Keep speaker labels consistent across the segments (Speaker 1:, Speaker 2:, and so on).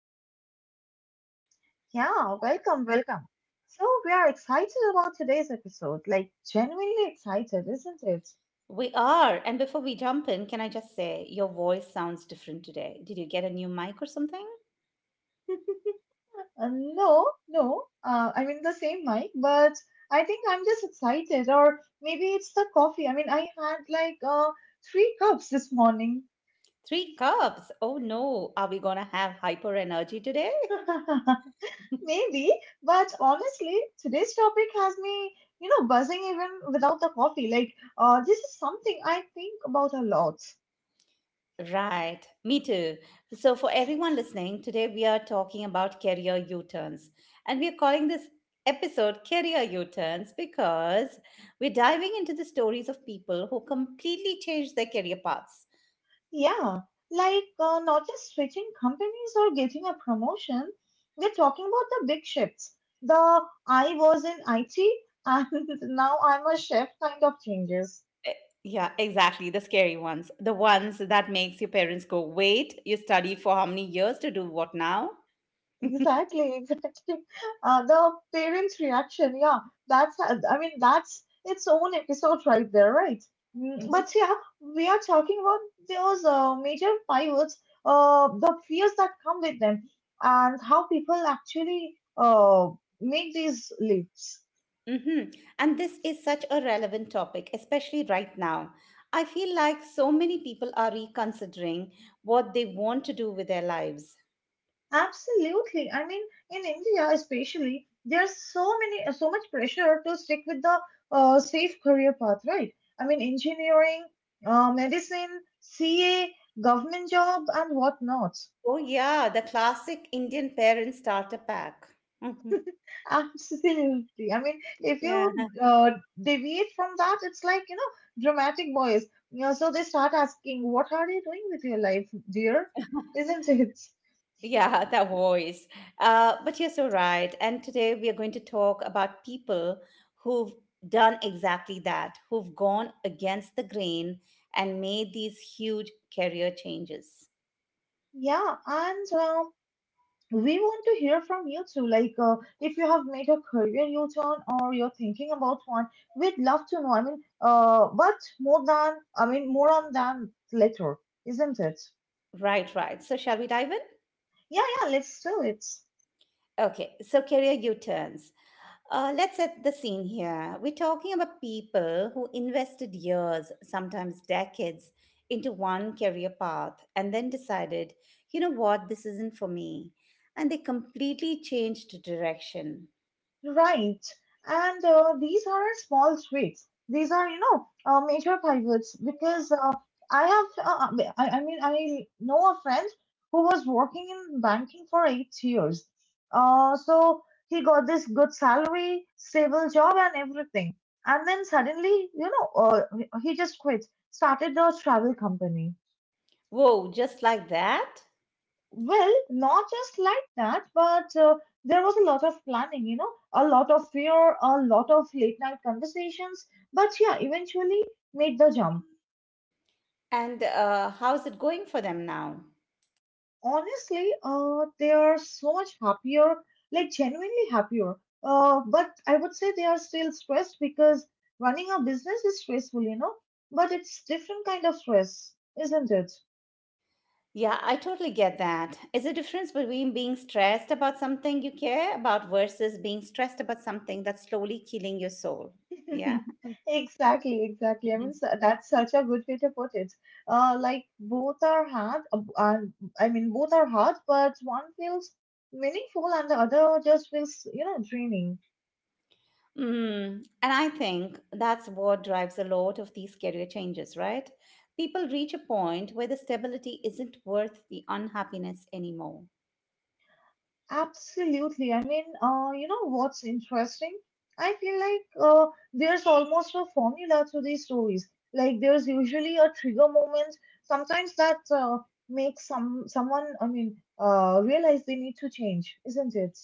Speaker 1: everyone doing?
Speaker 2: Yeah, welcome, welcome. So, we are excited about today's episode, like genuinely excited, isn't it?
Speaker 1: We are. And before we jump in, can I just say your voice sounds different today? Did you get a new mic or something?
Speaker 2: No, no, I mean the same mic, but I think I'm just excited, or maybe it's the coffee. I mean, I had like three cups this morning.
Speaker 1: Three cups. Oh no, are we gonna have hyper energy today?
Speaker 2: Maybe, but honestly, today's topic has me buzzing even without the coffee. Like, this is something I think about a lot.
Speaker 1: Right, me too. So, for everyone listening, today we are talking about career U turns. And we are calling this episode Career U turns because we're diving into the stories of people who completely changed their career paths.
Speaker 2: Yeah, like not just switching companies or getting a promotion. We're talking about the big shifts. The I was in IT and now I'm a chef kind of changes.
Speaker 1: Yeah, exactly. The scary ones. The ones that makes your parents go, wait, you studied for how many years to do what now?
Speaker 2: Exactly, exactly. The parents' reaction, yeah, that's, I mean, that's its own episode right there, right? Mm,
Speaker 1: Mm-hmm.
Speaker 2: But yeah, we are talking about those major pivots, the fears that come with them, and how people actually make these leaps.
Speaker 1: Mm-hmm. And this is such a relevant topic, especially right now. I feel like so many people are reconsidering what they want to do with their lives.
Speaker 2: Absolutely. I mean, in India especially, there's so much pressure to stick with the safe career path, right? I mean, engineering, medicine, CA, government job, and whatnot.
Speaker 1: Oh, yeah, the classic Indian parent starter pack. Hmm.
Speaker 2: Absolutely. I mean, if you
Speaker 1: Yeah.
Speaker 2: deviate from that, it's like, you know, dramatic boys. You know, so they start asking, what are you doing with your life, dear? Isn't it?
Speaker 1: Yeah, that voice. But you're so right. And today we are going to talk about people who've done exactly that, who've gone against the grain and made these huge career changes.
Speaker 2: Yeah, and we want to hear from you too. Like, if you have made a career U turn or you're thinking about one, we'd love to know. I mean, more on than later, isn't it?
Speaker 1: Right, right. So, shall we dive in?
Speaker 2: Yeah, yeah, let's do it.
Speaker 1: Okay, so career U turns. Let's set the scene here. We're talking about people who invested years, sometimes decades, into one career path and then decided, you know what, this isn't for me. And they completely changed direction.
Speaker 2: Right. And these aren't small tweaks. These are, you know, major pivots because I have, uh, I mean, I know a friend who was working in banking for 8 years. So he got this good salary, stable job, and everything. And then suddenly, he just quit, started a travel company
Speaker 1: Whoa, just like that?
Speaker 2: well, not just like that, but there was a lot of planning, you know, a lot of fear, a lot of late night conversations. But yeah, eventually made the jump.
Speaker 1: And how's it going for them now?
Speaker 2: Honestly, they are so much happier, like genuinely happier. But I would say they are still stressed because running a business is stressful, you know, but it's different kind of stress, isn't it?
Speaker 1: Yeah, I totally get that. Is a difference between being stressed about something you care about versus being stressed about something that's slowly killing your soul? Yeah.
Speaker 2: Exactly, exactly. I mean, so that's such a good way to put it. Like both are hard. I mean, both are hard, but one feels meaningful and the other just feels, you know, draining.
Speaker 1: Mm, and I think that's what drives a lot of these career changes, right? People reach a point where the stability isn't worth the unhappiness anymore.
Speaker 2: Absolutely. I mean, you know what's interesting? I feel like there's almost a formula to these stories. Like there's usually a trigger moment, sometimes that makes some someone, I mean, realize they need to change, isn't it?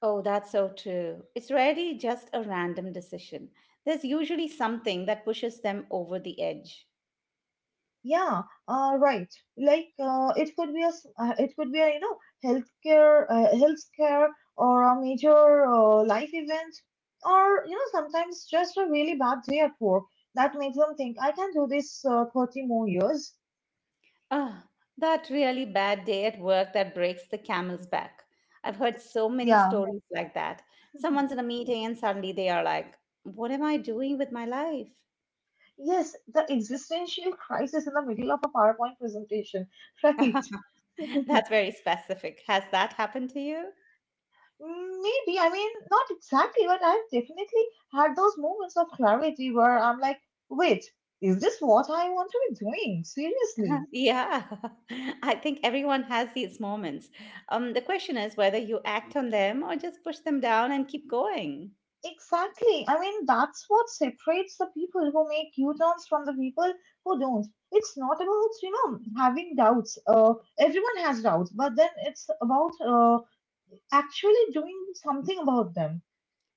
Speaker 1: Oh, that's so true. It's rarely just a random decision, there's usually something that pushes them over the edge.
Speaker 2: Yeah, right. It could be a you know healthcare healthcare or a major life event or you know sometimes just a really bad day at work that makes them think I can do this 30 more years.
Speaker 1: Ah, that really bad day at work that breaks the camel's back. I've heard so many
Speaker 2: Yeah.
Speaker 1: stories like that. Someone's in a meeting and suddenly they are like, what am I doing with my life?
Speaker 2: Yes, the existential crisis in the middle of a PowerPoint presentation, right?
Speaker 1: That's very specific. Has that happened to you?
Speaker 2: Mm, maybe, I mean, not exactly, but I've definitely had those moments of clarity where I'm like, wait, is this what I want to be doing? Seriously.
Speaker 1: Yeah, I think everyone has these moments. The question is whether you act on them or just push them down and keep going.
Speaker 2: Exactly. I mean, that's what separates the people who make U-turns from the people who don't. It's not about, you know, having doubts. Everyone has doubts, but then it's about actually doing something about them.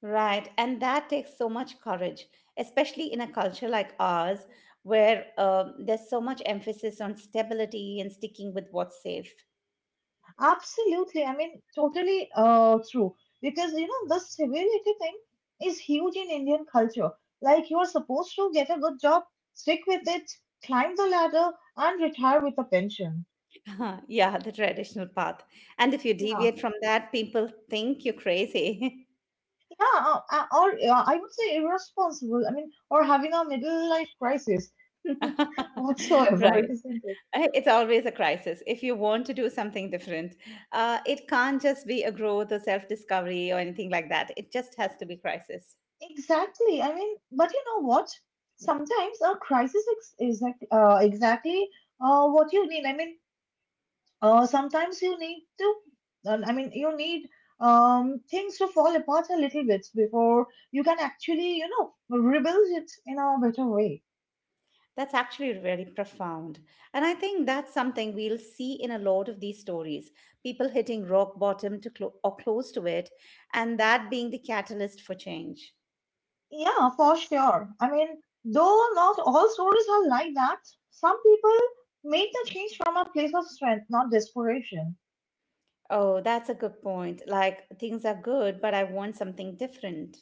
Speaker 1: Right. And that takes so much courage, especially in a culture like ours, where there's so much emphasis on stability and sticking with what's safe.
Speaker 2: Absolutely. I mean, totally true. Because, you know, the civility thing is huge in Indian culture. Like, you are supposed to get a good job, stick with it, climb the ladder, and retire with a pension.
Speaker 1: Yeah, the traditional path. And if you
Speaker 2: Yeah.
Speaker 1: deviate from that, people think you're crazy.
Speaker 2: Yeah. Or I would say irresponsible. I mean, or having a middle life crisis whatsoever,
Speaker 1: Right.
Speaker 2: isn't it?
Speaker 1: It's always a crisis. If you want to do something different, it can't just be a growth or self discovery or anything like that. It just has to be crisis.
Speaker 2: Exactly. I mean, but you know what? Sometimes a crisis ex- is like, exactly what you need. I mean, sometimes you need things to fall apart a little bit before you can actually you know rebuild it in a better way.
Speaker 1: That's actually really profound. And I think that's something we'll see in a lot of these stories people hitting rock bottom or close to it, and that being the catalyst for change.
Speaker 2: Yeah, for sure. I mean, though not all stories are like that. Some people make the change from a place of strength, not desperation.
Speaker 1: Oh, that's a good point. Like, things are good, but I want something different.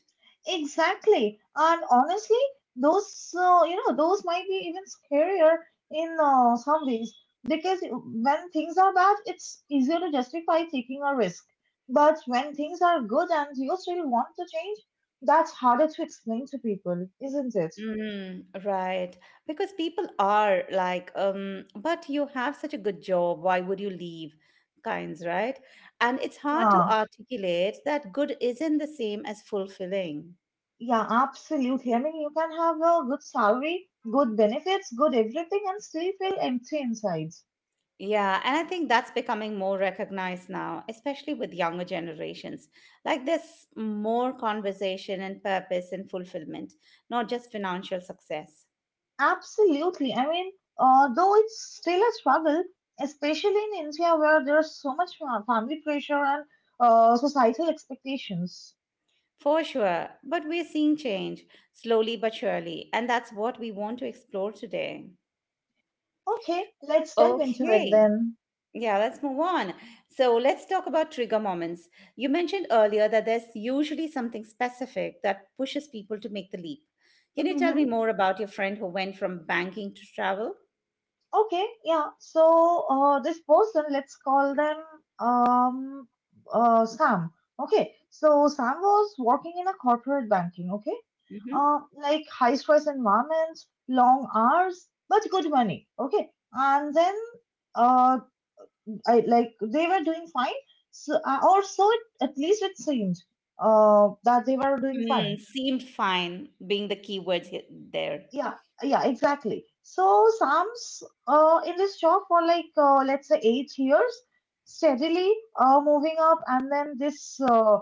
Speaker 2: Exactly. And honestly, those you know those might be even scarier in some ways because when things are bad, it's easier to justify taking a risk. But when things are good and you still want to change, that's harder to explain to people, isn't it?
Speaker 1: Mm, right. Because people are like, but you have such a good job. Why would you leave? Kinds, right? And it's hard to
Speaker 2: Yeah,
Speaker 1: articulate that good isn't the same as fulfilling.
Speaker 2: yeah, absolutely. I mean, you can have a good salary, good benefits, good everything, and still feel empty inside.
Speaker 1: Yeah, and I think that's becoming more recognized now, especially with younger generations. Like there's more conversation and purpose and fulfillment, not just financial success.
Speaker 2: Absolutely. I mean, though it's still a struggle, especially in India where there's so much family pressure and societal expectations.
Speaker 1: For sure, but we're seeing change slowly but surely, and that's what we want to explore today.
Speaker 2: Okay, let's delve into it
Speaker 1: Okay.
Speaker 2: then.
Speaker 1: Yeah, let's move on. So let's talk about trigger moments. You mentioned earlier that there's usually something specific that pushes people to make the leap. Can you tell
Speaker 2: Hmm.
Speaker 1: me more about your friend who went from banking to travel?
Speaker 2: Okay, yeah. So this person, let's call them um, Sam. Okay, so Sam was working in a corporate banking. Okay,
Speaker 1: Mm-hmm.
Speaker 2: like high stress environment, long hours, but good money. Okay, and then uh, I like they were doing fine. So also, at least it seemed that they were doing fine.
Speaker 1: Mm, seemed fine being the keywords there.
Speaker 2: Yeah, yeah, exactly. So Sam's in this job for like let's say 8 years, steadily moving up, and then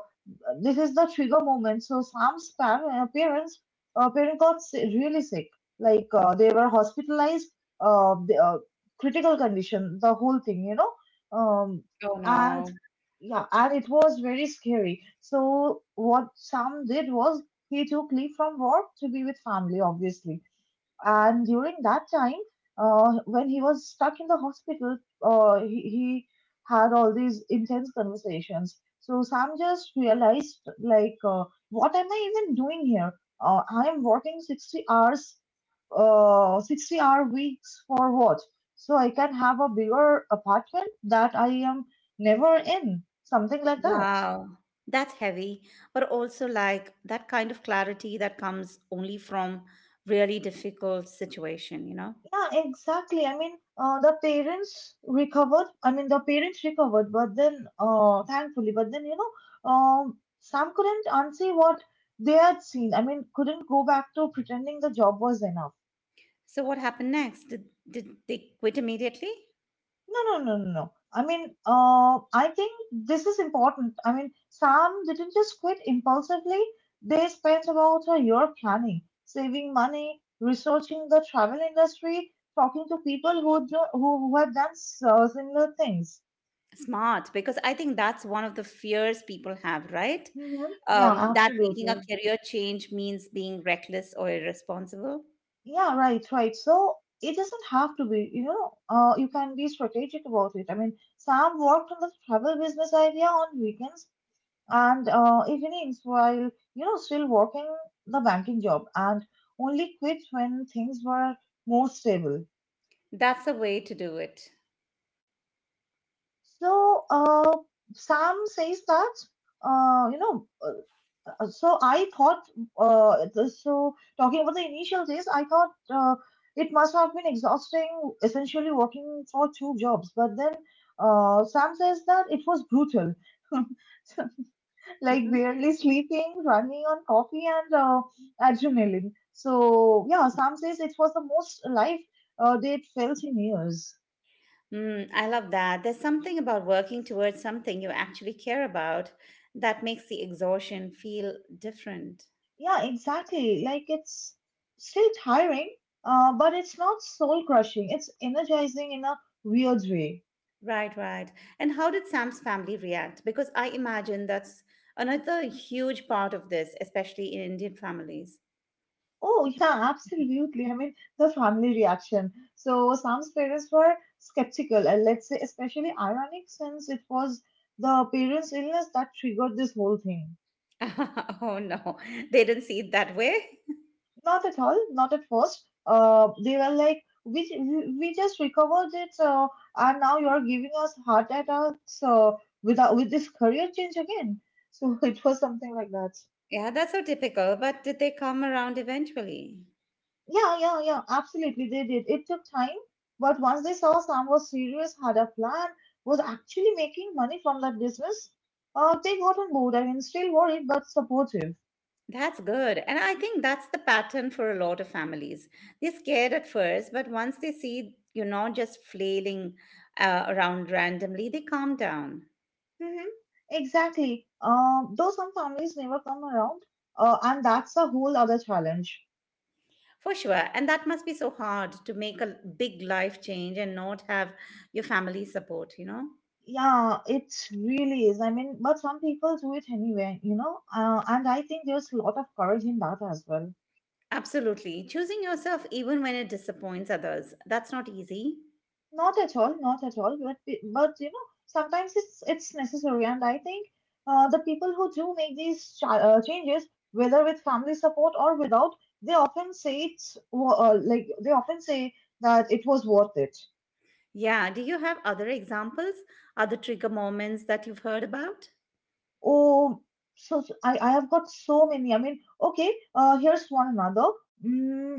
Speaker 2: this is the trigger moment. So Sam's parent got really sick. Like they were hospitalized, uh, the, uh, critical condition, the whole thing, you know. Um,
Speaker 1: Oh
Speaker 2: and
Speaker 1: no.
Speaker 2: yeah, and it was very scary. So what Sam did was he took leave from work to be with family, obviously. And during that time, when he was stuck in the hospital, he had all these intense conversations. So Sam just realized, like, what am I even doing here? I am working 60 hours, 60-hour weeks for what? So I can have a bigger apartment that I am never in, something like that.
Speaker 1: Wow. That's heavy, but also like that kind of clarity that comes only from really difficult situation, you know?
Speaker 2: Yeah, exactly. I mean, the parents recovered, but then, thankfully, but then, you know, um, Sam couldn't unsee what they had seen. I mean, couldn't go back to pretending the job was enough.
Speaker 1: So what happened next? Did they quit immediately?
Speaker 2: No, no, no, no, no. I mean, I think this is important. I mean, Sam didn't just quit impulsively. They spent about a year planning, saving money, researching the travel industry, talking to people who had done similar things.
Speaker 1: Smart, because I think that's one of the fears people have, right?
Speaker 2: Mm-hmm. Yeah,
Speaker 1: That making a
Speaker 2: absolutely.
Speaker 1: career change means being reckless or irresponsible.
Speaker 2: Yeah, right, right. So it doesn't have to be, you know, you can be strategic about it. I mean, Sam worked on the travel business idea on weekends and evenings while, you know, still working the banking job and only quit when things were more stable.
Speaker 1: That's a way to do it.
Speaker 2: So Sam says that you know. So I thought. The- so talking about the initial days, I thought it must have been exhausting, essentially working for two jobs. But then Sam says that it was brutal. Like
Speaker 1: Hmm.
Speaker 2: barely sleeping, running on coffee and adrenaline. So yeah, Sam says it was the most alive they'd felt in years.
Speaker 1: Mm, I love that. There's something about working towards something you actually care about that makes the exhaustion feel different.
Speaker 2: Yeah, exactly. Like it's still tiring, but it's not soul crushing. It's energizing in a weird way.
Speaker 1: Right, right. And how did Sam's family react? Because I imagine that's another huge part of this, especially in Indian families.
Speaker 2: Oh, yeah, absolutely. I mean, the family reaction. So, Sam's parents were skeptical, and let's say, especially ironic, since it was the parents' illness that triggered this whole thing.
Speaker 1: Oh no, they didn't see it that way.
Speaker 2: Not at all, not at first. They were like, we just recovered it, and now you're giving us heart attacks without, with this career change again. So it was something like that.
Speaker 1: Yeah, that's so typical. But did they come around eventually?
Speaker 2: Yeah, yeah, yeah, absolutely. They did. It took time, but once they saw Sam was serious, had a plan, was actually making money from that business, they got on board. I mean, still worried, but supportive.
Speaker 1: That's good. And I think that's the pattern for a lot of families. They're scared at first, but once they see you're not just flailing around randomly, they calm down.
Speaker 2: Mm-hmm. Exactly. Though some families never come around, and that's a whole other challenge.
Speaker 1: For sure. And that must be so hard to make a big life change and not have your family support, you know?
Speaker 2: Yeah, it really is. I mean, but some people do it anyway, you know. And I think there's a lot of courage in that as well.
Speaker 1: Absolutely. Choosing yourself even when it disappoints others, that's not easy.
Speaker 2: Not at all, not at all. But you know, sometimes it's necessary. And I think the people who do make these changes, whether with family support or without, they often say it's wo- like they often say that it was worth it.
Speaker 1: Yeah. Do you have other examples, other trigger moments that you've heard about?
Speaker 2: Oh, I have got so many. I mean, okay, here's one another. Mm,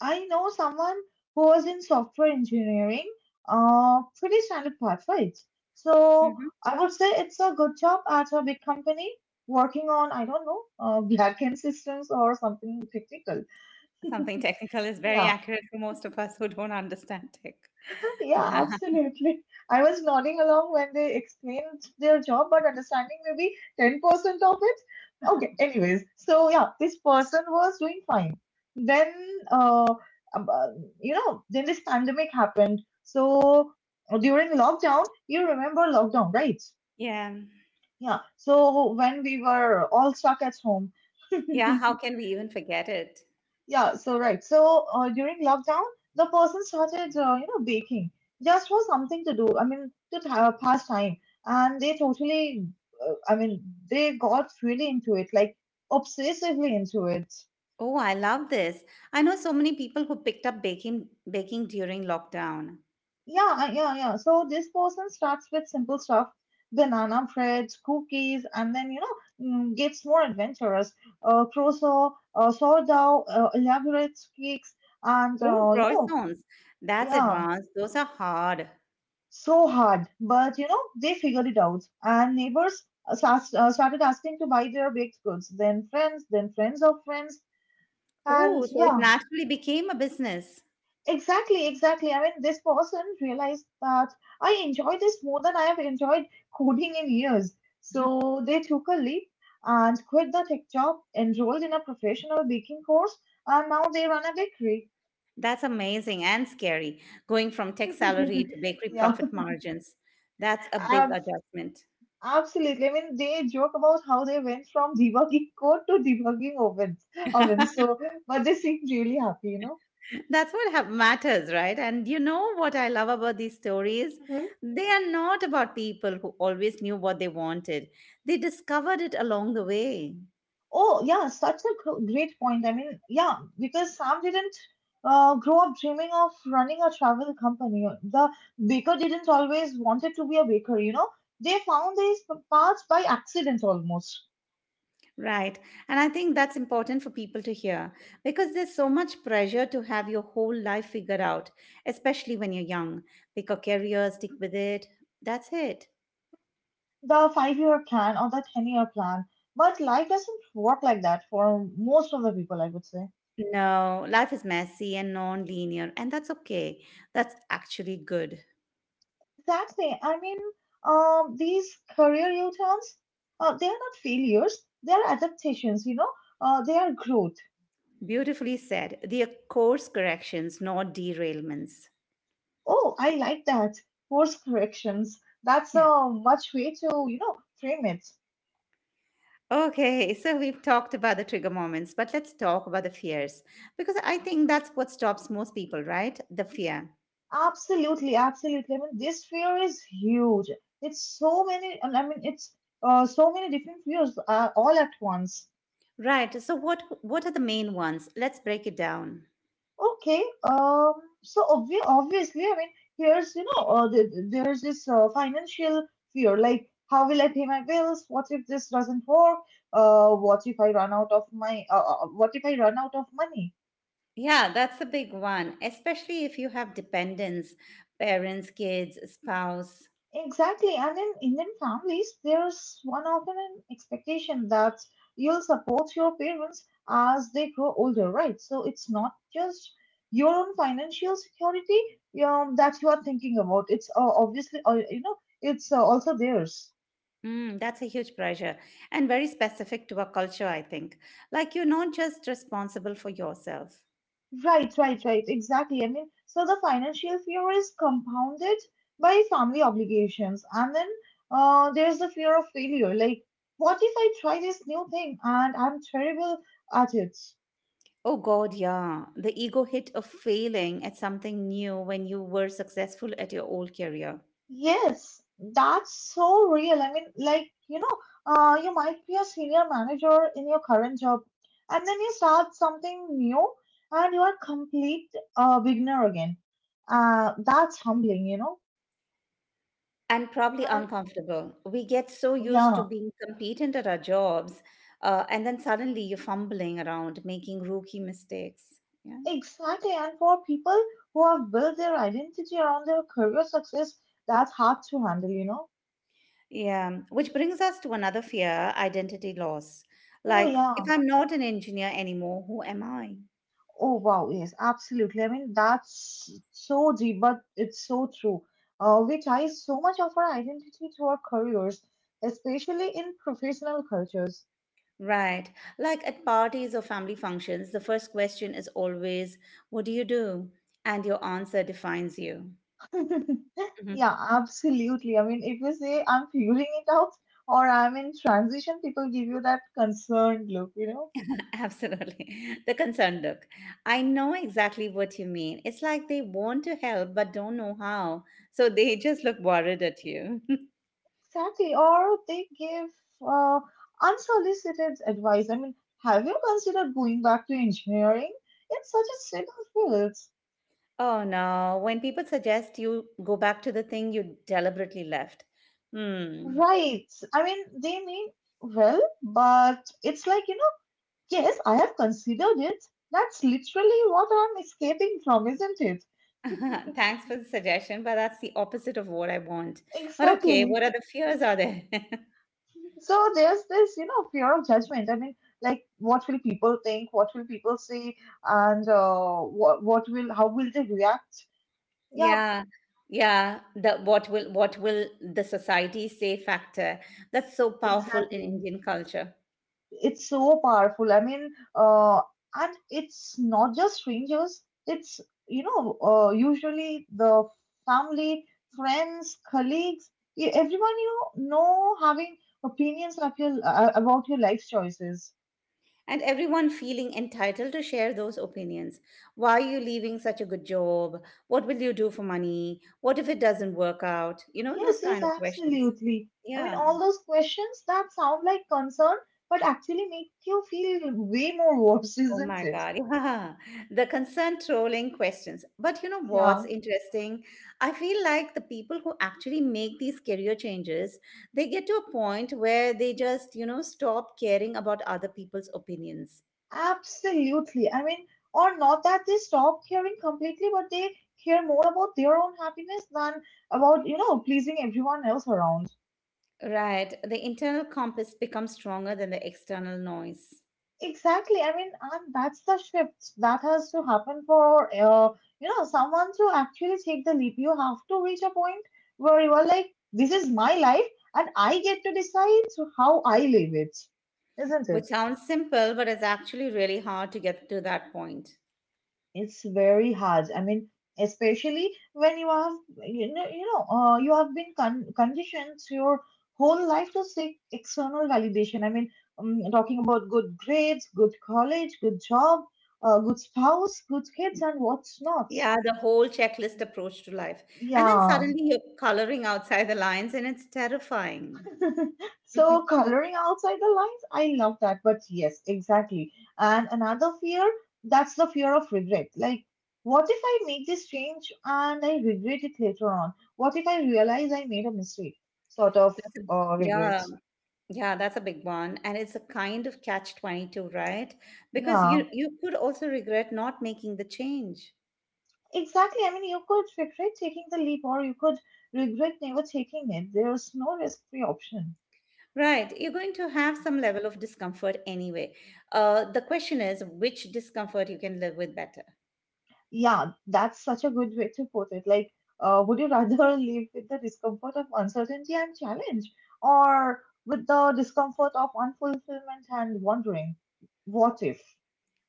Speaker 2: I know someone who was in software engineering, pretty standard path, right? So
Speaker 1: Hmm.
Speaker 2: I would say it's a good job at a big company working on, I don't know, backend systems or something technical.
Speaker 1: Something technical is very
Speaker 2: Yeah.
Speaker 1: accurate for most of us who don't understand tech.
Speaker 2: Yeah,
Speaker 1: Yeah.
Speaker 2: absolutely. I was nodding along when they explained their job, but understanding maybe 10% of it. Okay, anyways, so yeah, this person was doing fine. Then, uh, um, uh, then this pandemic happened. So during lockdown, you remember lockdown, right?
Speaker 1: Yeah.
Speaker 2: Yeah. So when we were all stuck at home,
Speaker 1: Yeah. How can we even forget it?
Speaker 2: Yeah, so right. So during lockdown, the person started, you know, baking just for something to do. I mean, to pass time, and they uh, I mean, they got really into it, like obsessively into it.
Speaker 1: Oh, I love this. I know so many people who picked up baking during lockdown.
Speaker 2: Yeah. So this person starts with simple stuff, banana bread, cookies, and then gets more adventurous, croissant, sourdough, elaborate cakes, and
Speaker 1: Oh, croissants. That's
Speaker 2: yeah,
Speaker 1: advanced. Those are hard.
Speaker 2: so hard. But you know, they figured it out, and neighbors started asking to buy their baked goods. Then friends of friends, and
Speaker 1: Oh, so it
Speaker 2: yeah,
Speaker 1: naturally became a business.
Speaker 2: exactly, exactly. I mean, this person realized that I enjoy this more than I have enjoyed coding in years. So they took a leap and quit the tech job, enrolled in a professional baking course, and now they run a bakery.
Speaker 1: That's amazing and scary, going from tech salary to bakery
Speaker 2: yeah,
Speaker 1: profit margins. That's a big
Speaker 2: uh,
Speaker 1: adjustment.
Speaker 2: Absolutely. I mean, they joke about how they went from debugging code to debugging ovens. So, but they seem really happy, you know.
Speaker 1: That's what matters, right? And you know what I love about these stories?
Speaker 2: Hmm.
Speaker 1: They are not about people who always knew what they wanted, they discovered it along the way.
Speaker 2: Oh, yeah, such a great point. I mean, yeah, because Sam didn't grow up dreaming of running a travel company. The baker didn't always wanted to be a baker, you know. They found these paths by accident almost.
Speaker 1: Right. And I think that's important for people to hear because there's so much pressure to have your whole life figured out, especially when you're young. Pick a career, stick with it. That's it.
Speaker 2: The five-year plan or the 10-year plan. But life doesn't work like that for most of the people, I would say.
Speaker 1: No, life is messy and non linear, and that's okay. That's actually good.
Speaker 2: Exactly. I mean, these career U-turns, they are not failures. They are adaptations. You know, they are growth.
Speaker 1: Beautifully said. They are course corrections, not derailments.
Speaker 2: Oh, I like that. Course corrections. That's a much way to frame it.
Speaker 1: Okay, so we've talked about the trigger moments, but let's talk about the fears because I think that's what stops most people, right? The fear.
Speaker 2: Absolutely, absolutely. I mean, this fear is huge. It's so many. I mean, it's so many different fears all at once.
Speaker 1: Right. So what are the main ones? Let's break it down.
Speaker 2: Okay, so obviously, I mean, here's, you know, th th- there's this financial fear, like, how will I pay my bills? What if this doesn't work? What if I run out of my, What if I run out of money?
Speaker 1: Yeah, that's a big one, especially if you have dependents, parents, kids, spouse.
Speaker 2: Exactly, and in Indian families, there's one often an expectation that you'll support your parents as they grow older, right? So it's not just your own financial security that you are thinking about. It's obviously, you know, it's also theirs.
Speaker 1: Mm, that's a huge pressure and very specific to our culture, I think. Like you're not just responsible for yourself.
Speaker 2: Right, right, right. Exactly. I mean, so the financial fear is compounded by family obligations, and then there's the fear of failure. Like, what if I try this new thing and I'm terrible at it?
Speaker 1: Oh God, yeah. The ego hit of failing at something new when you were successful at your old career.
Speaker 2: Yes, that's so real. I mean, you might be a senior manager in your current job, and then you start something new, and you are complete beginner again. That's humbling, you know.
Speaker 1: And probably
Speaker 2: And
Speaker 1: uncomfortable. We get so used to
Speaker 2: yeah,
Speaker 1: being competent at our jobs, and then suddenly you're fumbling around, making rookie mistakes. Yeah.
Speaker 2: exactly. And for people who have built their identity around their career success, that's hard to handle, you know.
Speaker 1: Yeah, which brings us to another fear identity loss.
Speaker 2: Oh
Speaker 1: Like, if
Speaker 2: yeah,
Speaker 1: I'm not an engineer anymore, who am I?
Speaker 2: oh wow, yes, absolutely. I mean, that's so deep, but it's so true. We tie so much of our identity to our careers, especially in professional cultures.
Speaker 1: Right. Like at parties or family functions, the first question is always, what do you do? And your answer defines you. Mhm.
Speaker 2: Yeah, absolutely. I mean, if you say I'm figuring it out or I'm in transition, people give you that concerned look, you know?
Speaker 1: Absolutely. The concerned look. I know exactly what you mean. It's like they want to help but don't know how. So they just look worried at you.
Speaker 2: Exactly. Or they give uh, unsolicited advice. I mean, have you considered going back to engineering? It's such a stable field.
Speaker 1: Oh no, when people suggest you go back to the thing you deliberately left. Hmm.
Speaker 2: Right. I mean, they mean well, but it's like, yes, I have considered it. That's literally what I'm escaping from, isn't it?
Speaker 1: Thanks for the suggestion, but that's the opposite of what I want. But okay,
Speaker 2: Exactly.
Speaker 1: what other fears are there?
Speaker 2: So there's this fear of judgment. I mean, like, what will people think? What will people say? And how will they react? Yeah,
Speaker 1: Yeah. Yeah, the what will the society say factor. That's so powerful in
Speaker 2: exactly.
Speaker 1: Indian culture.
Speaker 2: It's so powerful. And it's not just strangers. It's usually the family, friends, colleagues, everyone you know, having opinions of your about your life choices.
Speaker 1: And everyone feeling entitled to share those opinions. Why are you leaving such a good job? What will you do for money? What if it doesn't work out? You know, those
Speaker 2: Yes, yes,
Speaker 1: kind of questions.
Speaker 2: absolutely. I mean,
Speaker 1: Yeah.
Speaker 2: all those questions that sound like concern, but actually make you feel way more worse,
Speaker 1: Oh
Speaker 2: isn't
Speaker 1: my
Speaker 2: it?
Speaker 1: God. Yeah. The consent trolling questions. But you know what's
Speaker 2: Yeah.
Speaker 1: interesting? I feel like the people who actually make these career changes, they get to a point where they just, you know, stop caring about other people's opinions.
Speaker 2: Absolutely. I mean, or not that they stop caring completely, but they care more about their own happiness than about, you know, pleasing everyone else around.
Speaker 1: Right. The internal compass becomes stronger than the external noise,
Speaker 2: Exactly. I mean, and that's the shift that has to happen for, someone to actually take the leap. You have to reach a point where you are like, this is my life and I get to decide how I live it, isn't
Speaker 1: which
Speaker 2: it?
Speaker 1: sounds simple, but it's actually really hard to get to that point.
Speaker 2: It's very hard. I mean, especially when you have been conditioned your whole life to seek external validation. I mean, talking about good grades, good college, good job, good spouse, good kids, and what's not.
Speaker 1: Yeah, the whole checklist approach to life. And then
Speaker 2: Yeah,
Speaker 1: suddenly you're coloring outside the lines and it's terrifying.
Speaker 2: so coloring outside the lines, I love that. But yes, exactly. And another fear, that's the fear of regret. Like, what if I make this change and I regret it later on? What if I realize I made a mistake? Sort of
Speaker 1: That's
Speaker 2: regret.
Speaker 1: yeah, yeah, that's a big one. And it's a kind of catch-22, right? Because
Speaker 2: Yeah,
Speaker 1: you could also regret not making the change.
Speaker 2: exactly. I mean, you could regret taking the leap or you could regret never taking it. There's no risk-free option.
Speaker 1: Right, you're going to have some level of discomfort anyway. The question is which discomfort you can live with better.
Speaker 2: Yeah, that's such a good way to put it. Like, would you rather live with the discomfort of uncertainty and challenge, or with the discomfort of unfulfillment and wondering, what if?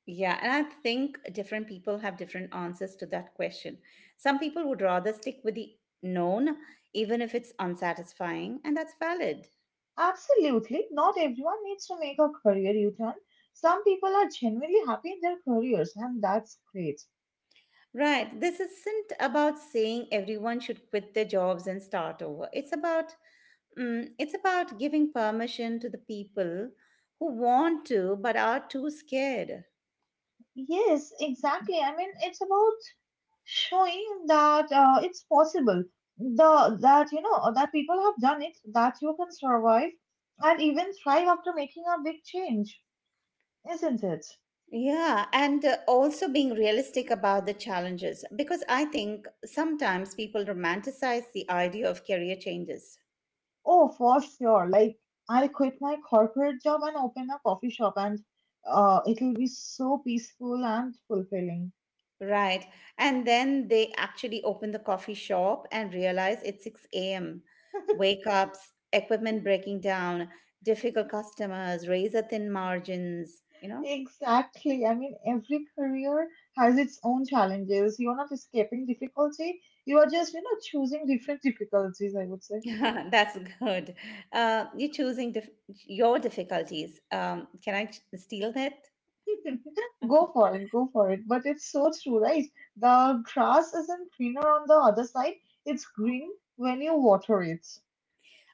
Speaker 1: Yeah, and I think different people have different answers to that question. Some people would rather stick with the known, even if it's unsatisfying, and that's valid.
Speaker 2: Absolutely, not everyone needs to make a career U-turn. Some people are genuinely happy in their careers, and that's great.
Speaker 1: Right. This isn't about saying everyone should quit their jobs and start over. It's about it's about giving permission to the people who want to but are too scared.
Speaker 2: Yes, exactly. I mean, it's about showing that it's possible, the that you know that people have done it, that you can survive and even thrive after making a big change, isn't it?
Speaker 1: Yeah, and also being realistic about the challenges because I think sometimes people romanticize the idea of career changes.
Speaker 2: Oh for sure, like I'll quit my corporate job and open a coffee shop and it'll be so peaceful and fulfilling.
Speaker 1: Right. And then they actually open the coffee shop and realize it's 6 a.m. wake ups, equipment breaking down, difficult customers, razor thin margins, you know?
Speaker 2: Exactly. I mean, every career has its own challenges. You're not escaping difficulty. You are just, you know, choosing different difficulties, I would say.
Speaker 1: Yeah, that's good. You're choosing your difficulties. Can I steal that?
Speaker 2: Go for it, go for it. But it's so true, right? The grass isn't greener on the other side, it's green when you water it.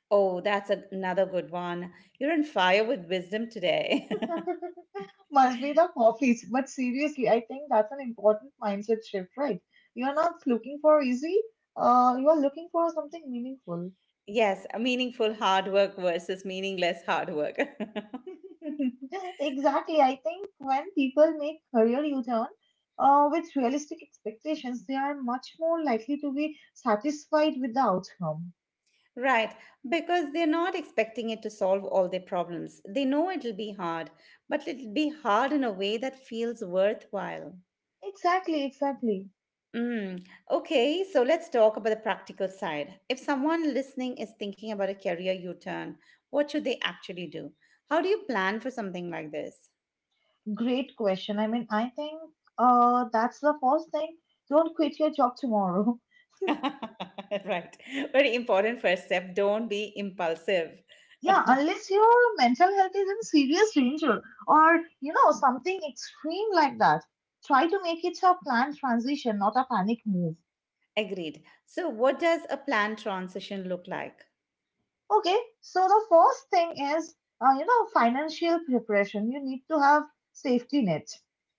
Speaker 1: Oh, that's another good one. You're on fire with wisdom today.
Speaker 2: Must be the coffees. But seriously, I think that's an important mindset shift, right? You're not looking for easy, you are looking for something meaningful.
Speaker 1: Yes, meaningful hard work versus meaningless hard work.
Speaker 2: Exactly. I think when people make career U-turn, with realistic expectations, they are much more likely to be satisfied with the outcome.
Speaker 1: Right, because they're not expecting it to solve all their problems. They know it'll be hard, but it'll be hard in a way that feels worthwhile.
Speaker 2: Exactly, exactly.
Speaker 1: Mm. Okay, so let's talk about the practical side. If someone listening is thinking about a career U turn, what should they actually do? How do you plan for something like this?
Speaker 2: Great question. I mean, I think that's the first thing. Don't quit your job tomorrow.
Speaker 1: Right, very important first step. Don't be impulsive.
Speaker 2: Yeah, unless your mental health is in serious danger or, you know, something extreme like that. Try to make it a planned transition, not a panic move.
Speaker 1: Agreed. So, what does a planned transition look like?
Speaker 2: Okay, so the first thing is, financial preparation. You need to have safety net.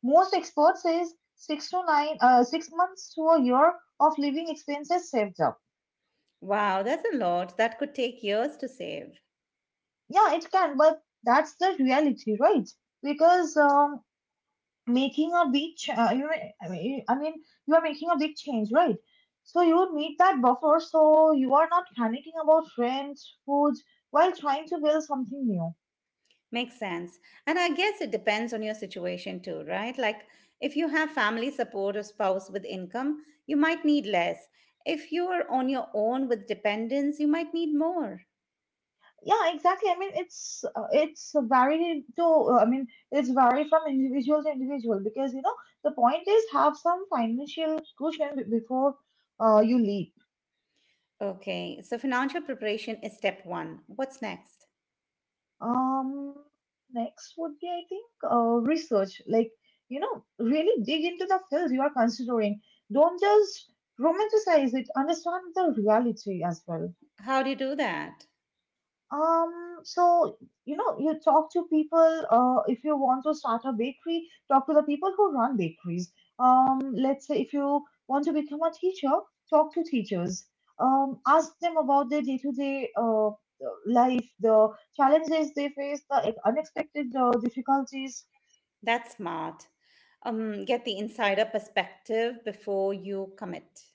Speaker 2: Most experts says 6 months to a year of living expenses saved up.
Speaker 1: Wow, that's a lot. That could take years to save.
Speaker 2: Yeah, it can, but that's the reality, right? Because making a big, ch- you, I mean, you are making a big change, right? So you need that buffer, so you are not panicking about rent, food, while trying to build something new.
Speaker 1: Makes sense. And I guess it depends on your situation too, right? Like if you have family support or spouse with income, you might need less. If you are on your own with dependents, you might need more.
Speaker 2: Yeah, exactly. I mean, it's vary from individual to individual, because you know the point is have some financial cushion before you leave.
Speaker 1: Okay, so financial preparation is step one. What's next?
Speaker 2: Um, Next would be, I think, research. Like, you know, really dig into the field you are considering. Don't just romanticize it, understand the reality as well.
Speaker 1: How do you do that?
Speaker 2: So you know, you talk to people. If you want to start a bakery, talk to the people who run bakeries. Let's say if you want to become a teacher, talk to teachers. Ask them about their day-to-day life, the challenges they face, the unexpected difficulties.
Speaker 1: That's smart. Get the insider perspective before you commit.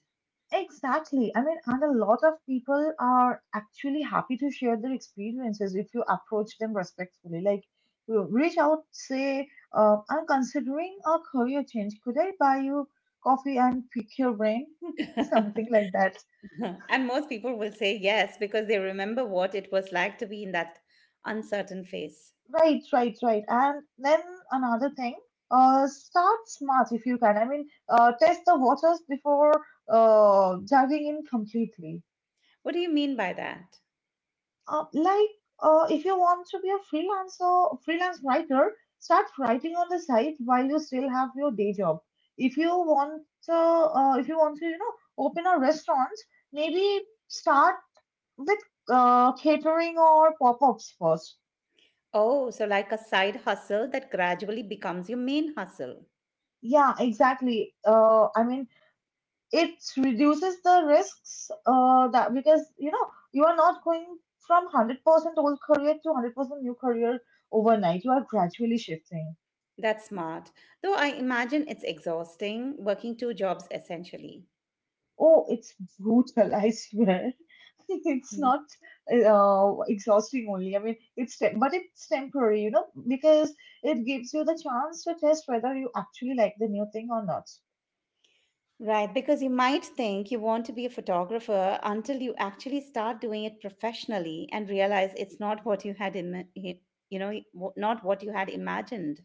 Speaker 2: Exactly. I mean, and a lot of people are actually happy to share their experiences if you approach them respectfully. Like, you reach out, say, I'm considering a career change. Could I buy you coffee and pick your brain? Something like that.
Speaker 1: And most people will say yes because they remember what it was like to be in that uncertain phase.
Speaker 2: Right, right, right. And then another thing, start smart if you can. Test the waters before diving in completely.
Speaker 1: What do you mean by that?
Speaker 2: Uh, like if you want to be a freelancer, freelance writer, start writing on the side while you still have your day job. If you want to, you know, open a restaurant, maybe start with catering or pop-ups first.
Speaker 1: Oh, so like a side hustle that gradually becomes your main hustle.
Speaker 2: Yeah, exactly. It reduces the risks that because you know you are not going from 100% old career to 100% new career overnight. You are gradually shifting.
Speaker 1: That's smart. Though I imagine it's exhausting working two jobs essentially.
Speaker 2: Oh, it's brutal, I swear. It's
Speaker 1: Mhm.
Speaker 2: not exhausting only. I mean, it's te- but it's temporary, because it gives you the chance to test whether you actually like the new thing or not.
Speaker 1: Right, because you might think you want to be a photographer until you actually start doing it professionally and realize it's not what you had in, not what you had imagined.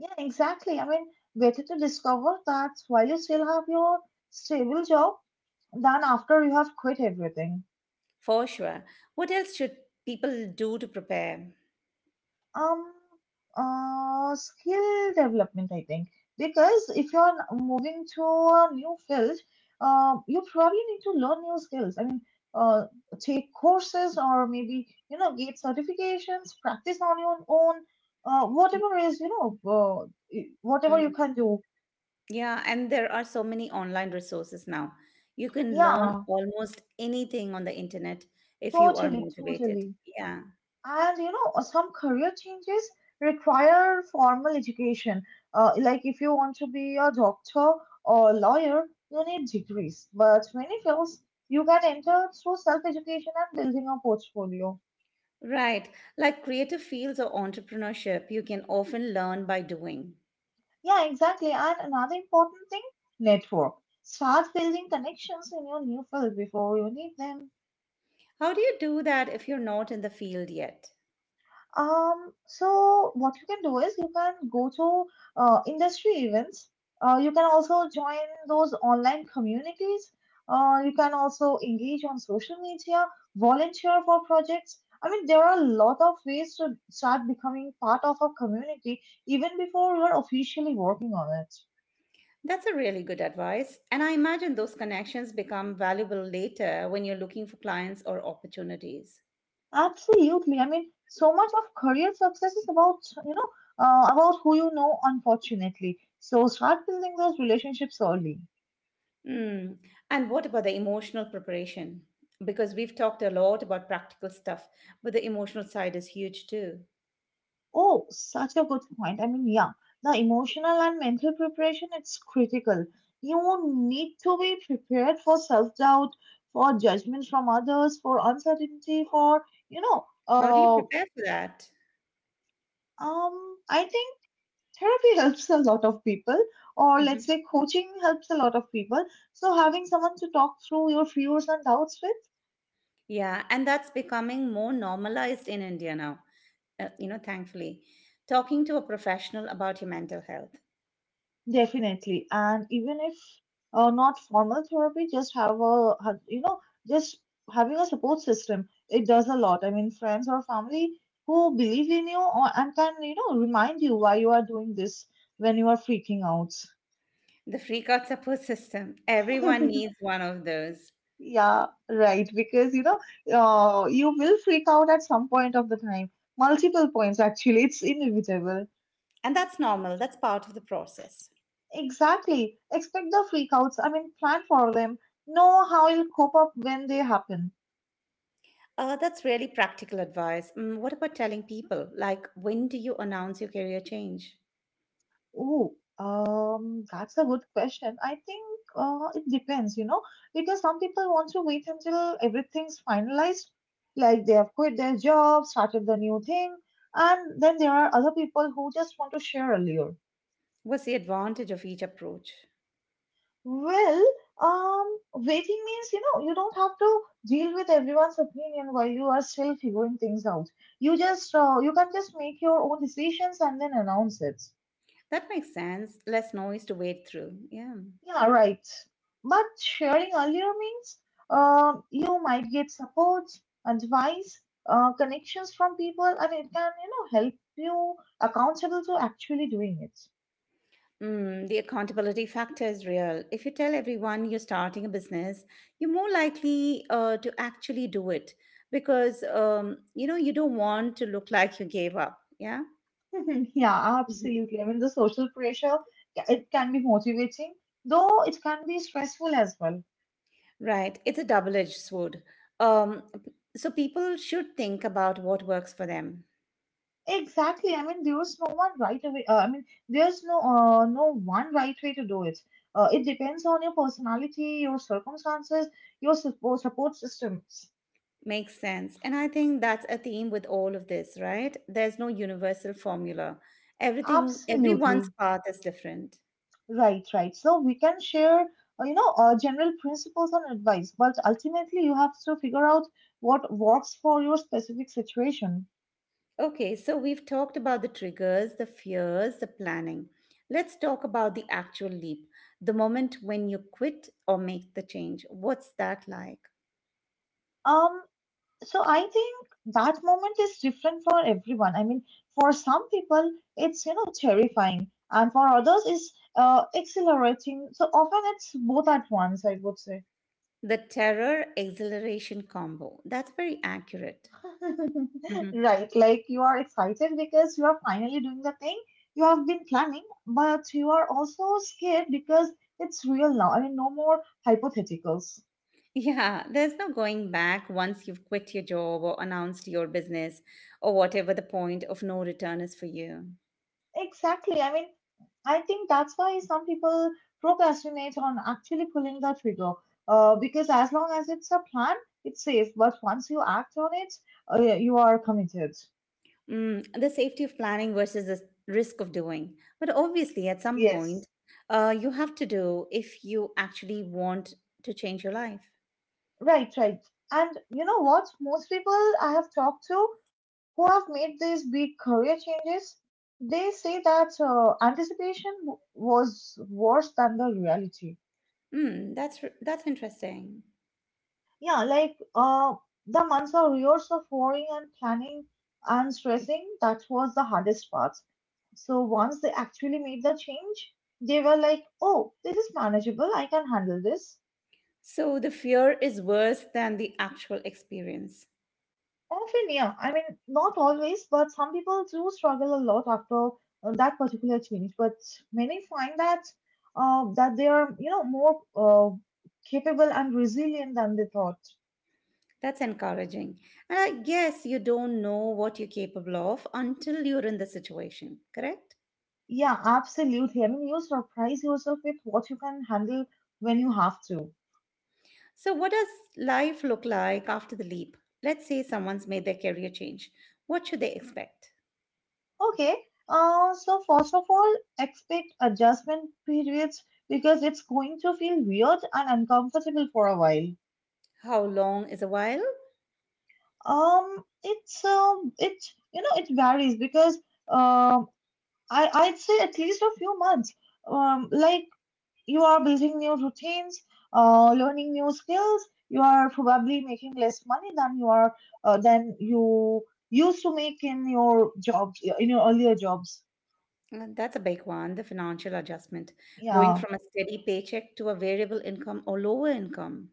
Speaker 2: Yeah, exactly. I mean, better to discover that while you still have your stable job than after you have quit everything.
Speaker 1: For sure. What else should people do to prepare?
Speaker 2: Um, Skill development, I think, because if you're moving to a new field, you probably need to learn new skills. I mean, uh, take courses or maybe get certifications, practice on your own, uh,
Speaker 1: Y-
Speaker 2: whatever is you know, whatever you
Speaker 1: Mm.
Speaker 2: can do.
Speaker 1: Yeah, and there are so many online resources now. You can learn
Speaker 2: Yeah,
Speaker 1: almost anything on the internet if you are
Speaker 2: totally,
Speaker 1: motivated.
Speaker 2: totally.
Speaker 1: Yeah,
Speaker 2: And some career changes require formal education. Like if you want to be a doctor or a lawyer, you need degrees. But many fields you can enter through self-education and building a portfolio.
Speaker 1: right. Like creative fields or entrepreneurship, you can often learn by doing.
Speaker 2: Yeah, exactly. And another important thing, network. Start building connections in your new field before you need them.
Speaker 1: How do you do that if you're not in the field yet?
Speaker 2: So what you can do is you can go to industry events. You can also join those online communities. You can also engage on social media, volunteer for projects. I mean, there are a lot of ways to start becoming part of a community even before you're officially working on it.
Speaker 1: That's a really good advice. And I imagine those connections become valuable later when you're looking for clients or opportunities.
Speaker 2: Absolutely. I mean, so much of career success is you know, about who you know, unfortunately. So start building those relationships early.
Speaker 1: Mm. And what about the emotional preparation? Because we've talked a lot about practical stuff, but the emotional side is huge too.
Speaker 2: Oh, such a good point. I mean, yeah, the emotional and mental preparation, it's critical. You need to be prepared for self-doubt, for judgment from others, for uncertainty, for,
Speaker 1: How do you prepare for that?
Speaker 2: I think therapy helps a lot of people, or let's
Speaker 1: Mhm.
Speaker 2: say coaching helps a lot of people. So having someone to talk through your fears and doubts with.
Speaker 1: Yeah, and that's becoming more normalized in India now, you know, thankfully. Talking to a professional about your mental health.
Speaker 2: Definitely. And even if not formal therapy, just have a, have- you know, just having a support system, it does a lot. I mean, friends or family who believe in you or, and can, remind you why you are doing this when you are freaking out.
Speaker 1: The free card support system, everyone needs one of those.
Speaker 2: Yeah, right. Because, you will freak out at some point of the time. Multiple points, actually. It's inevitable.
Speaker 1: And that's normal, that's part of the process.
Speaker 2: Exactly. Expect the freakouts. I mean, plan for them. Know how you'll cope up when they happen.
Speaker 1: That's really practical advice. Mm, what about telling people? Like, when do you announce your career change?
Speaker 2: Oh, that's a good question. I think it depends, because some people want to wait until everything's finalized, like they have quit their job, started the new thing, and then there are other people who just want to share earlier.
Speaker 1: What's the advantage of each approach?
Speaker 2: Well, waiting means, you don't have to deal with everyone's opinion while you are still figuring things out. You just, you can just make your own decisions and then announce it.
Speaker 1: That makes sense. Less noise to wade through. Yeah.
Speaker 2: Yeah, right. But sharing earlier means you might get support, advice, connections from people, and it can, help you accountable to actually doing
Speaker 1: Mm, the accountability factor is real. If you tell everyone you're starting a business, you're more likely to actually do it because you know you don't want to look like you gave up. Yeah.
Speaker 2: it. Yeah,
Speaker 1: Mhm.
Speaker 2: absolutely. I mean, the social pressure, it can be motivating, though it can be stressful as well.
Speaker 1: Right. It's a double edged sword. Um, so people should think about what works for them.
Speaker 2: Exactly. I mean, there's no one right away. I mean, there's no one right way to do it. It depends on your personality, your circumstances, your support systems.
Speaker 1: Makes sense. And I think that's a theme with all of this, right? There's no universal formula. Everyone's
Speaker 2: Absolutely.
Speaker 1: path is different.
Speaker 2: Right, right. So we can share, general principles and advice, but ultimately you have to figure out what works for your specific situation.
Speaker 1: Okay, so we've talked about the triggers, the fears, the planning. Let's talk about the actual leap, the moment when you quit or make the change. What's that like?
Speaker 2: Um, So I think that moment is different for everyone. I mean, for some people, it's terrifying, and for others, is exhilarating. So often, it's both at once, I would say.
Speaker 1: The terror exhilaration combo. That's very accurate.
Speaker 2: Right? Like you are excited because you are finally doing the thing you have been planning, but you are also scared because it's real now. I mean, no more hypotheticals.
Speaker 1: Yeah, there's no going back once you've quit your job or announced your business or whatever the point of no return is for you.
Speaker 2: Exactly. I mean, I think that's why some people procrastinate on actually pulling the trigger. Because as long as it's a plan, it's safe. But once you act on it, yeah, you are committed.
Speaker 1: Mm, the safety of planning versus the risk of doing. But obviously, at some
Speaker 2: Yes.
Speaker 1: point, you have to do if you actually want to change your life.
Speaker 2: Right, right. And you know what? Most people I have talked to who have made these big career changes, they say that anticipation was worse than the reality.
Speaker 1: Mm, that's interesting.
Speaker 2: Yeah, like the months of years of worrying and planning and stressing, that was the hardest part. So once they actually made the change, they were like, oh, this is manageable. I can handle this.
Speaker 1: So the fear is worse than the actual experience.
Speaker 2: Often, yeah. I mean, not always, but some people do struggle a lot after that particular change. But many find that they are, more capable and resilient than they thought.
Speaker 1: That's encouraging. And I guess you don't know what you're capable of until you're in the situation, correct?
Speaker 2: Yeah, absolutely. I mean, you surprise yourself with what you can handle when you have to.
Speaker 1: So, what does life look like after the leap? Let's say someone's made their career change. What should they expect?
Speaker 2: Okay, so first of all, expect adjustment periods because it's going to feel weird and uncomfortable for a while.
Speaker 1: How long is a while?
Speaker 2: It it varies because um, I'd say at least a few months. Like you are building new routines, learning new skills. You are probably making less money than you are than you used to make in your jobs in your earlier jobs.
Speaker 1: That's a big one the financial adjustment, going
Speaker 2: Yeah,
Speaker 1: from a steady paycheck to a variable income or lower income.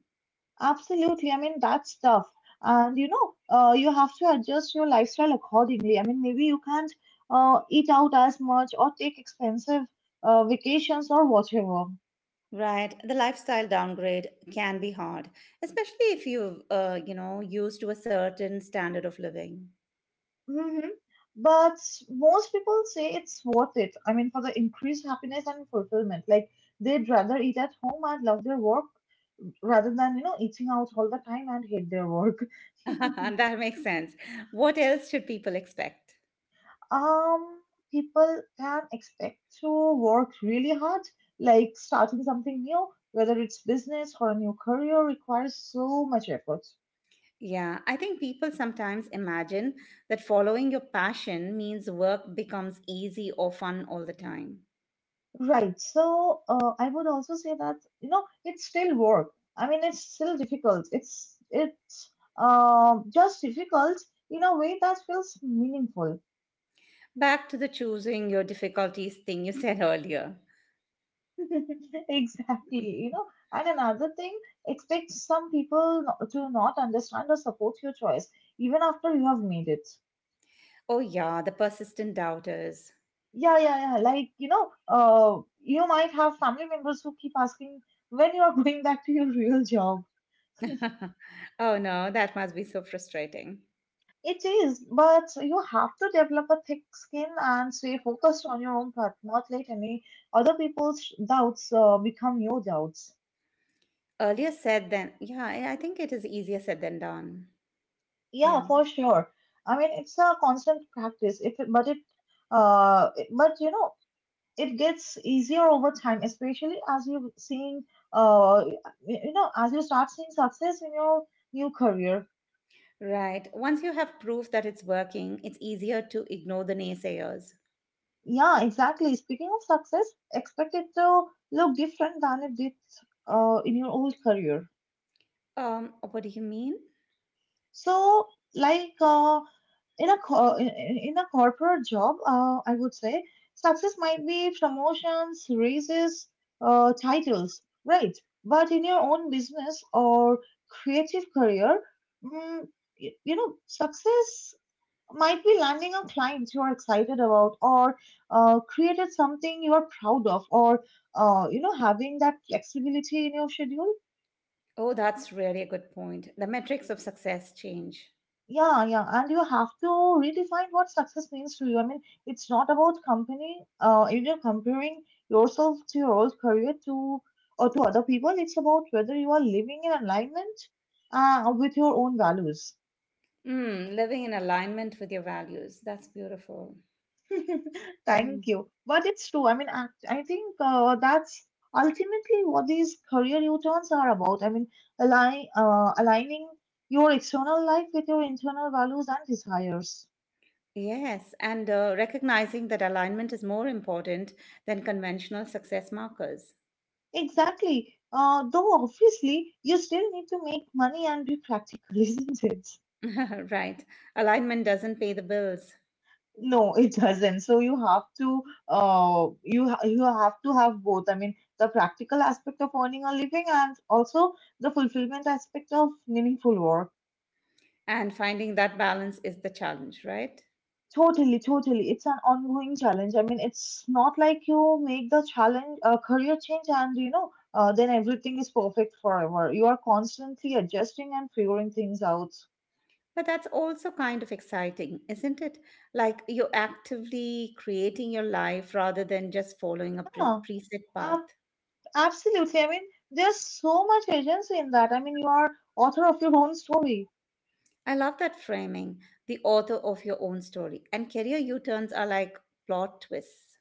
Speaker 2: absolutely. I mean, that's tough, and you have to adjust your lifestyle accordingly. I mean, maybe you can't eat out as much or take expensive vacations or whatever.
Speaker 1: Right, the lifestyle downgrade can be hard, especially if you've you know, used to a certain standard of living.
Speaker 2: Hmm. But most people say it's worth it. I mean, for the increased happiness and fulfillment, like they'd rather eat at home and love their work rather than, eating out all the time and hate their work.
Speaker 1: That makes sense. What else should people expect?
Speaker 2: Um, People can expect to work really hard, like starting something new, whether it's business or a new career requires so much effort.
Speaker 1: Yeah, I think people sometimes imagine that following your passion means work becomes easy or fun all the time.
Speaker 2: Right. So I would also say that it's still work. I mean, it's still difficult. It's just difficult in a way that feels meaningful.
Speaker 1: Back to the choosing your difficulties thing you said earlier.
Speaker 2: Exactly. And another thing, expect some people to not understand or support your choice even after you have made it.
Speaker 1: Oh, yeah, the persistent doubters.
Speaker 2: Yeah, yeah, yeah. Like you might have family members who keep asking when you are going back to your real job.
Speaker 1: Oh, no, that must be so frustrating.
Speaker 2: It is, but you have to develop a thick skin and stay focused on your own path, not let any other people's doubts become your doubts.
Speaker 1: Yeah, I think it is easier said than done.
Speaker 2: Yeah,
Speaker 1: Yeah,
Speaker 2: for sure. I mean, it's a constant practice. If it, but it, it- but you know, it gets easier over time, especially uh, as you start seeing success in your new career.
Speaker 1: right. Once you have proof that it's working, it's easier to ignore the naysayers.
Speaker 2: Yeah, exactly. Speaking of success, expect it to look different than it did, in your old career.
Speaker 1: What do you mean?
Speaker 2: So, like in a corporate job, I would say success might be promotions, raises, titles, right? But in your own business or creative career, mm, success might be landing a client you are excited about, or created something you are proud of, or having that flexibility in your schedule.
Speaker 1: Oh, that's really a good point. The metrics of success change.
Speaker 2: Yeah, yeah, and you have to redefine what success means to you. I mean, it's not about company. Comparing yourself to your old career to or to other people. It's about whether you are living in alignment, with your own values.
Speaker 1: Mm, living in alignment with your values. That's beautiful. Mm.
Speaker 2: Thank you. But it's true. I mean, I think that's ultimately what these career U-turns are about. I mean, aligning your external life with your internal values and desires.
Speaker 1: Yes, and recognizing that alignment is more important than conventional success markers.
Speaker 2: Exactly. Though obviously you still need to make money and be practical, isn't it?
Speaker 1: Right. Alignment doesn't pay the bills,
Speaker 2: No, it doesn't. So you have to have both. I mean, the practical aspect of earning a living and also the fulfillment aspect of meaningful work.
Speaker 1: and finding that balance is the challenge, right?
Speaker 2: Totally, totally. It's an ongoing challenge. I mean, it's not like you make the challenge a career change and then everything is perfect forever. You are constantly adjusting and figuring things out.
Speaker 1: But that's also kind of exciting, isn't it? Like you're actively creating your life rather than just following a
Speaker 2: Yeah.
Speaker 1: preset path.
Speaker 2: Absolutely. I mean, there's so much agency in that. I mean, you are author of your own story.
Speaker 1: I love that framing, the author of your own story. And career U turns are like plot twists.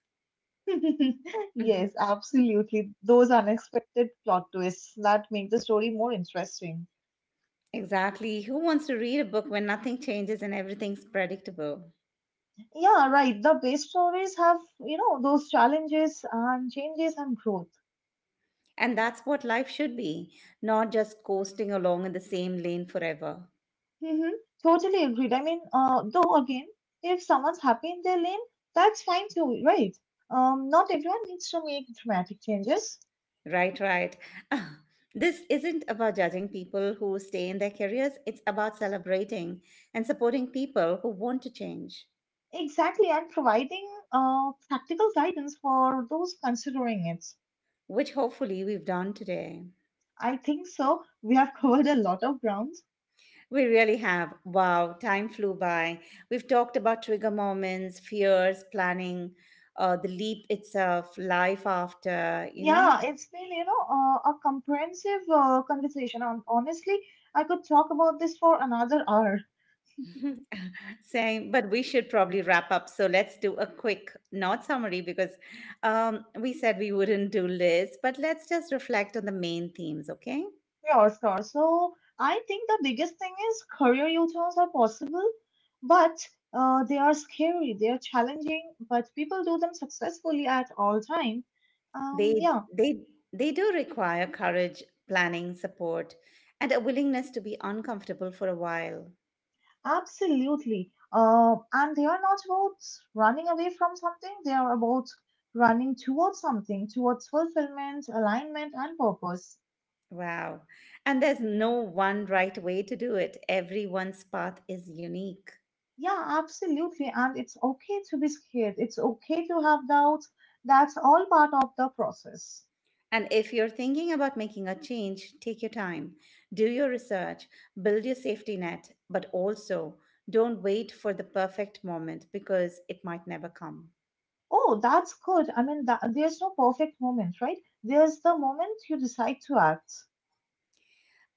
Speaker 1: Mhm.
Speaker 2: Yes, absolutely. Those unexpected plot twists that make the story more interesting.
Speaker 1: Exactly. Who wants to read a book when nothing changes and everything's predictable?
Speaker 2: Yeah, right. The best stories have, those challenges and changes and growth.
Speaker 1: And that's what life should be, not just coasting along in the same lane forever.
Speaker 2: Hmm. Totally agreed. I mean, though, again, if someone's happy in their lane, that's fine too, right? Not everyone needs to make dramatic changes.
Speaker 1: Right, right. Ah, this isn't about judging people who stay in their careers, it's about celebrating and supporting people who want to change,
Speaker 2: Exactly, and providing practical guidance for those considering it.
Speaker 1: which hopefully we've done today.
Speaker 2: I think so. We have covered a lot of grounds.
Speaker 1: We really have. Wow, time flew by. We've talked about trigger moments, fears, planning, the leap itself, life after, you know?
Speaker 2: Yeah, it's been, a comprehensive conversation. On honestly, I could talk about this for another hour.
Speaker 1: Same, but we should probably wrap up. So let's do a quick, not summary, because we said we wouldn't do lists, but let's just reflect on the main themes, okay?
Speaker 2: Sure, sure. So I think the biggest thing is career U-turns are possible, but they are scary. They are challenging, but people do them successfully at all time.
Speaker 1: They,
Speaker 2: Yeah.
Speaker 1: they, they do require courage, planning, support, and a willingness to be uncomfortable for a while.
Speaker 2: Absolutely. And they are not about running away from something, they are about running towards something, towards fulfillment, alignment, and purpose.
Speaker 1: Wow. And there's no one right way to do it. Everyone's path is unique.
Speaker 2: Yeah, absolutely. And it's okay to be scared, it's okay to have doubts. That's all part of the process.
Speaker 1: And if you're thinking about making a change, take your time. Do your research, build your safety net, but also don't wait for the perfect moment because it might never come.
Speaker 2: Oh, that's good. I mean, that, there's no perfect moment, right? There's the moment you decide to act.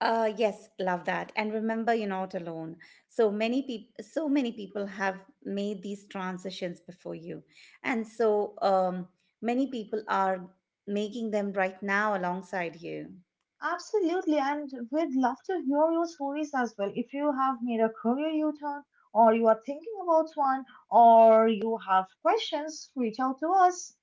Speaker 1: Yes, love that. And remember, you're not alone. So many people have made these transitions before you, and so many people are making them right now alongside you.
Speaker 2: Absolutely, and we'd love to hear your stories as well. If you have made a career U turn, or you are thinking about one, or you have questions, reach out to us.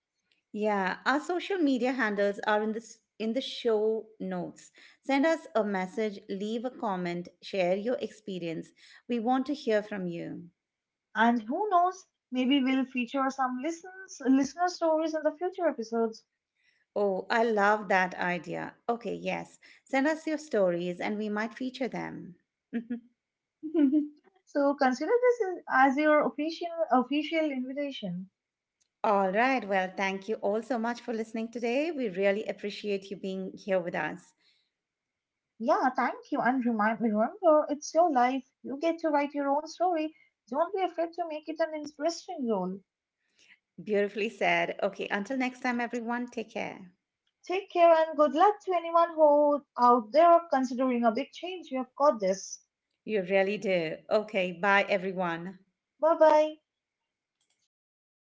Speaker 1: Yeah, our social media handles are in this in the show notes. Send us a message, leave a comment, share your experience. We want to hear from you.
Speaker 2: And who knows, maybe we'll feature some listener stories in the future episodes.
Speaker 1: Oh, I love that idea. Okay, yes. Send us your stories and we might feature them.
Speaker 2: So consider this as your official invitation.
Speaker 1: All right. Well, thank you all so much for listening today. We really appreciate you being here with us.
Speaker 2: Yeah, thank you, and remind remember, it's your life. You get to write your own story. Don't be afraid to make it an interesting role.
Speaker 1: Beautifully said. Okay. Until next time, everyone, take care.
Speaker 2: Take care and good luck to anyone who out there considering a big change. You've got this.
Speaker 1: You really do. Okay. Bye, everyone.
Speaker 2: Bye bye.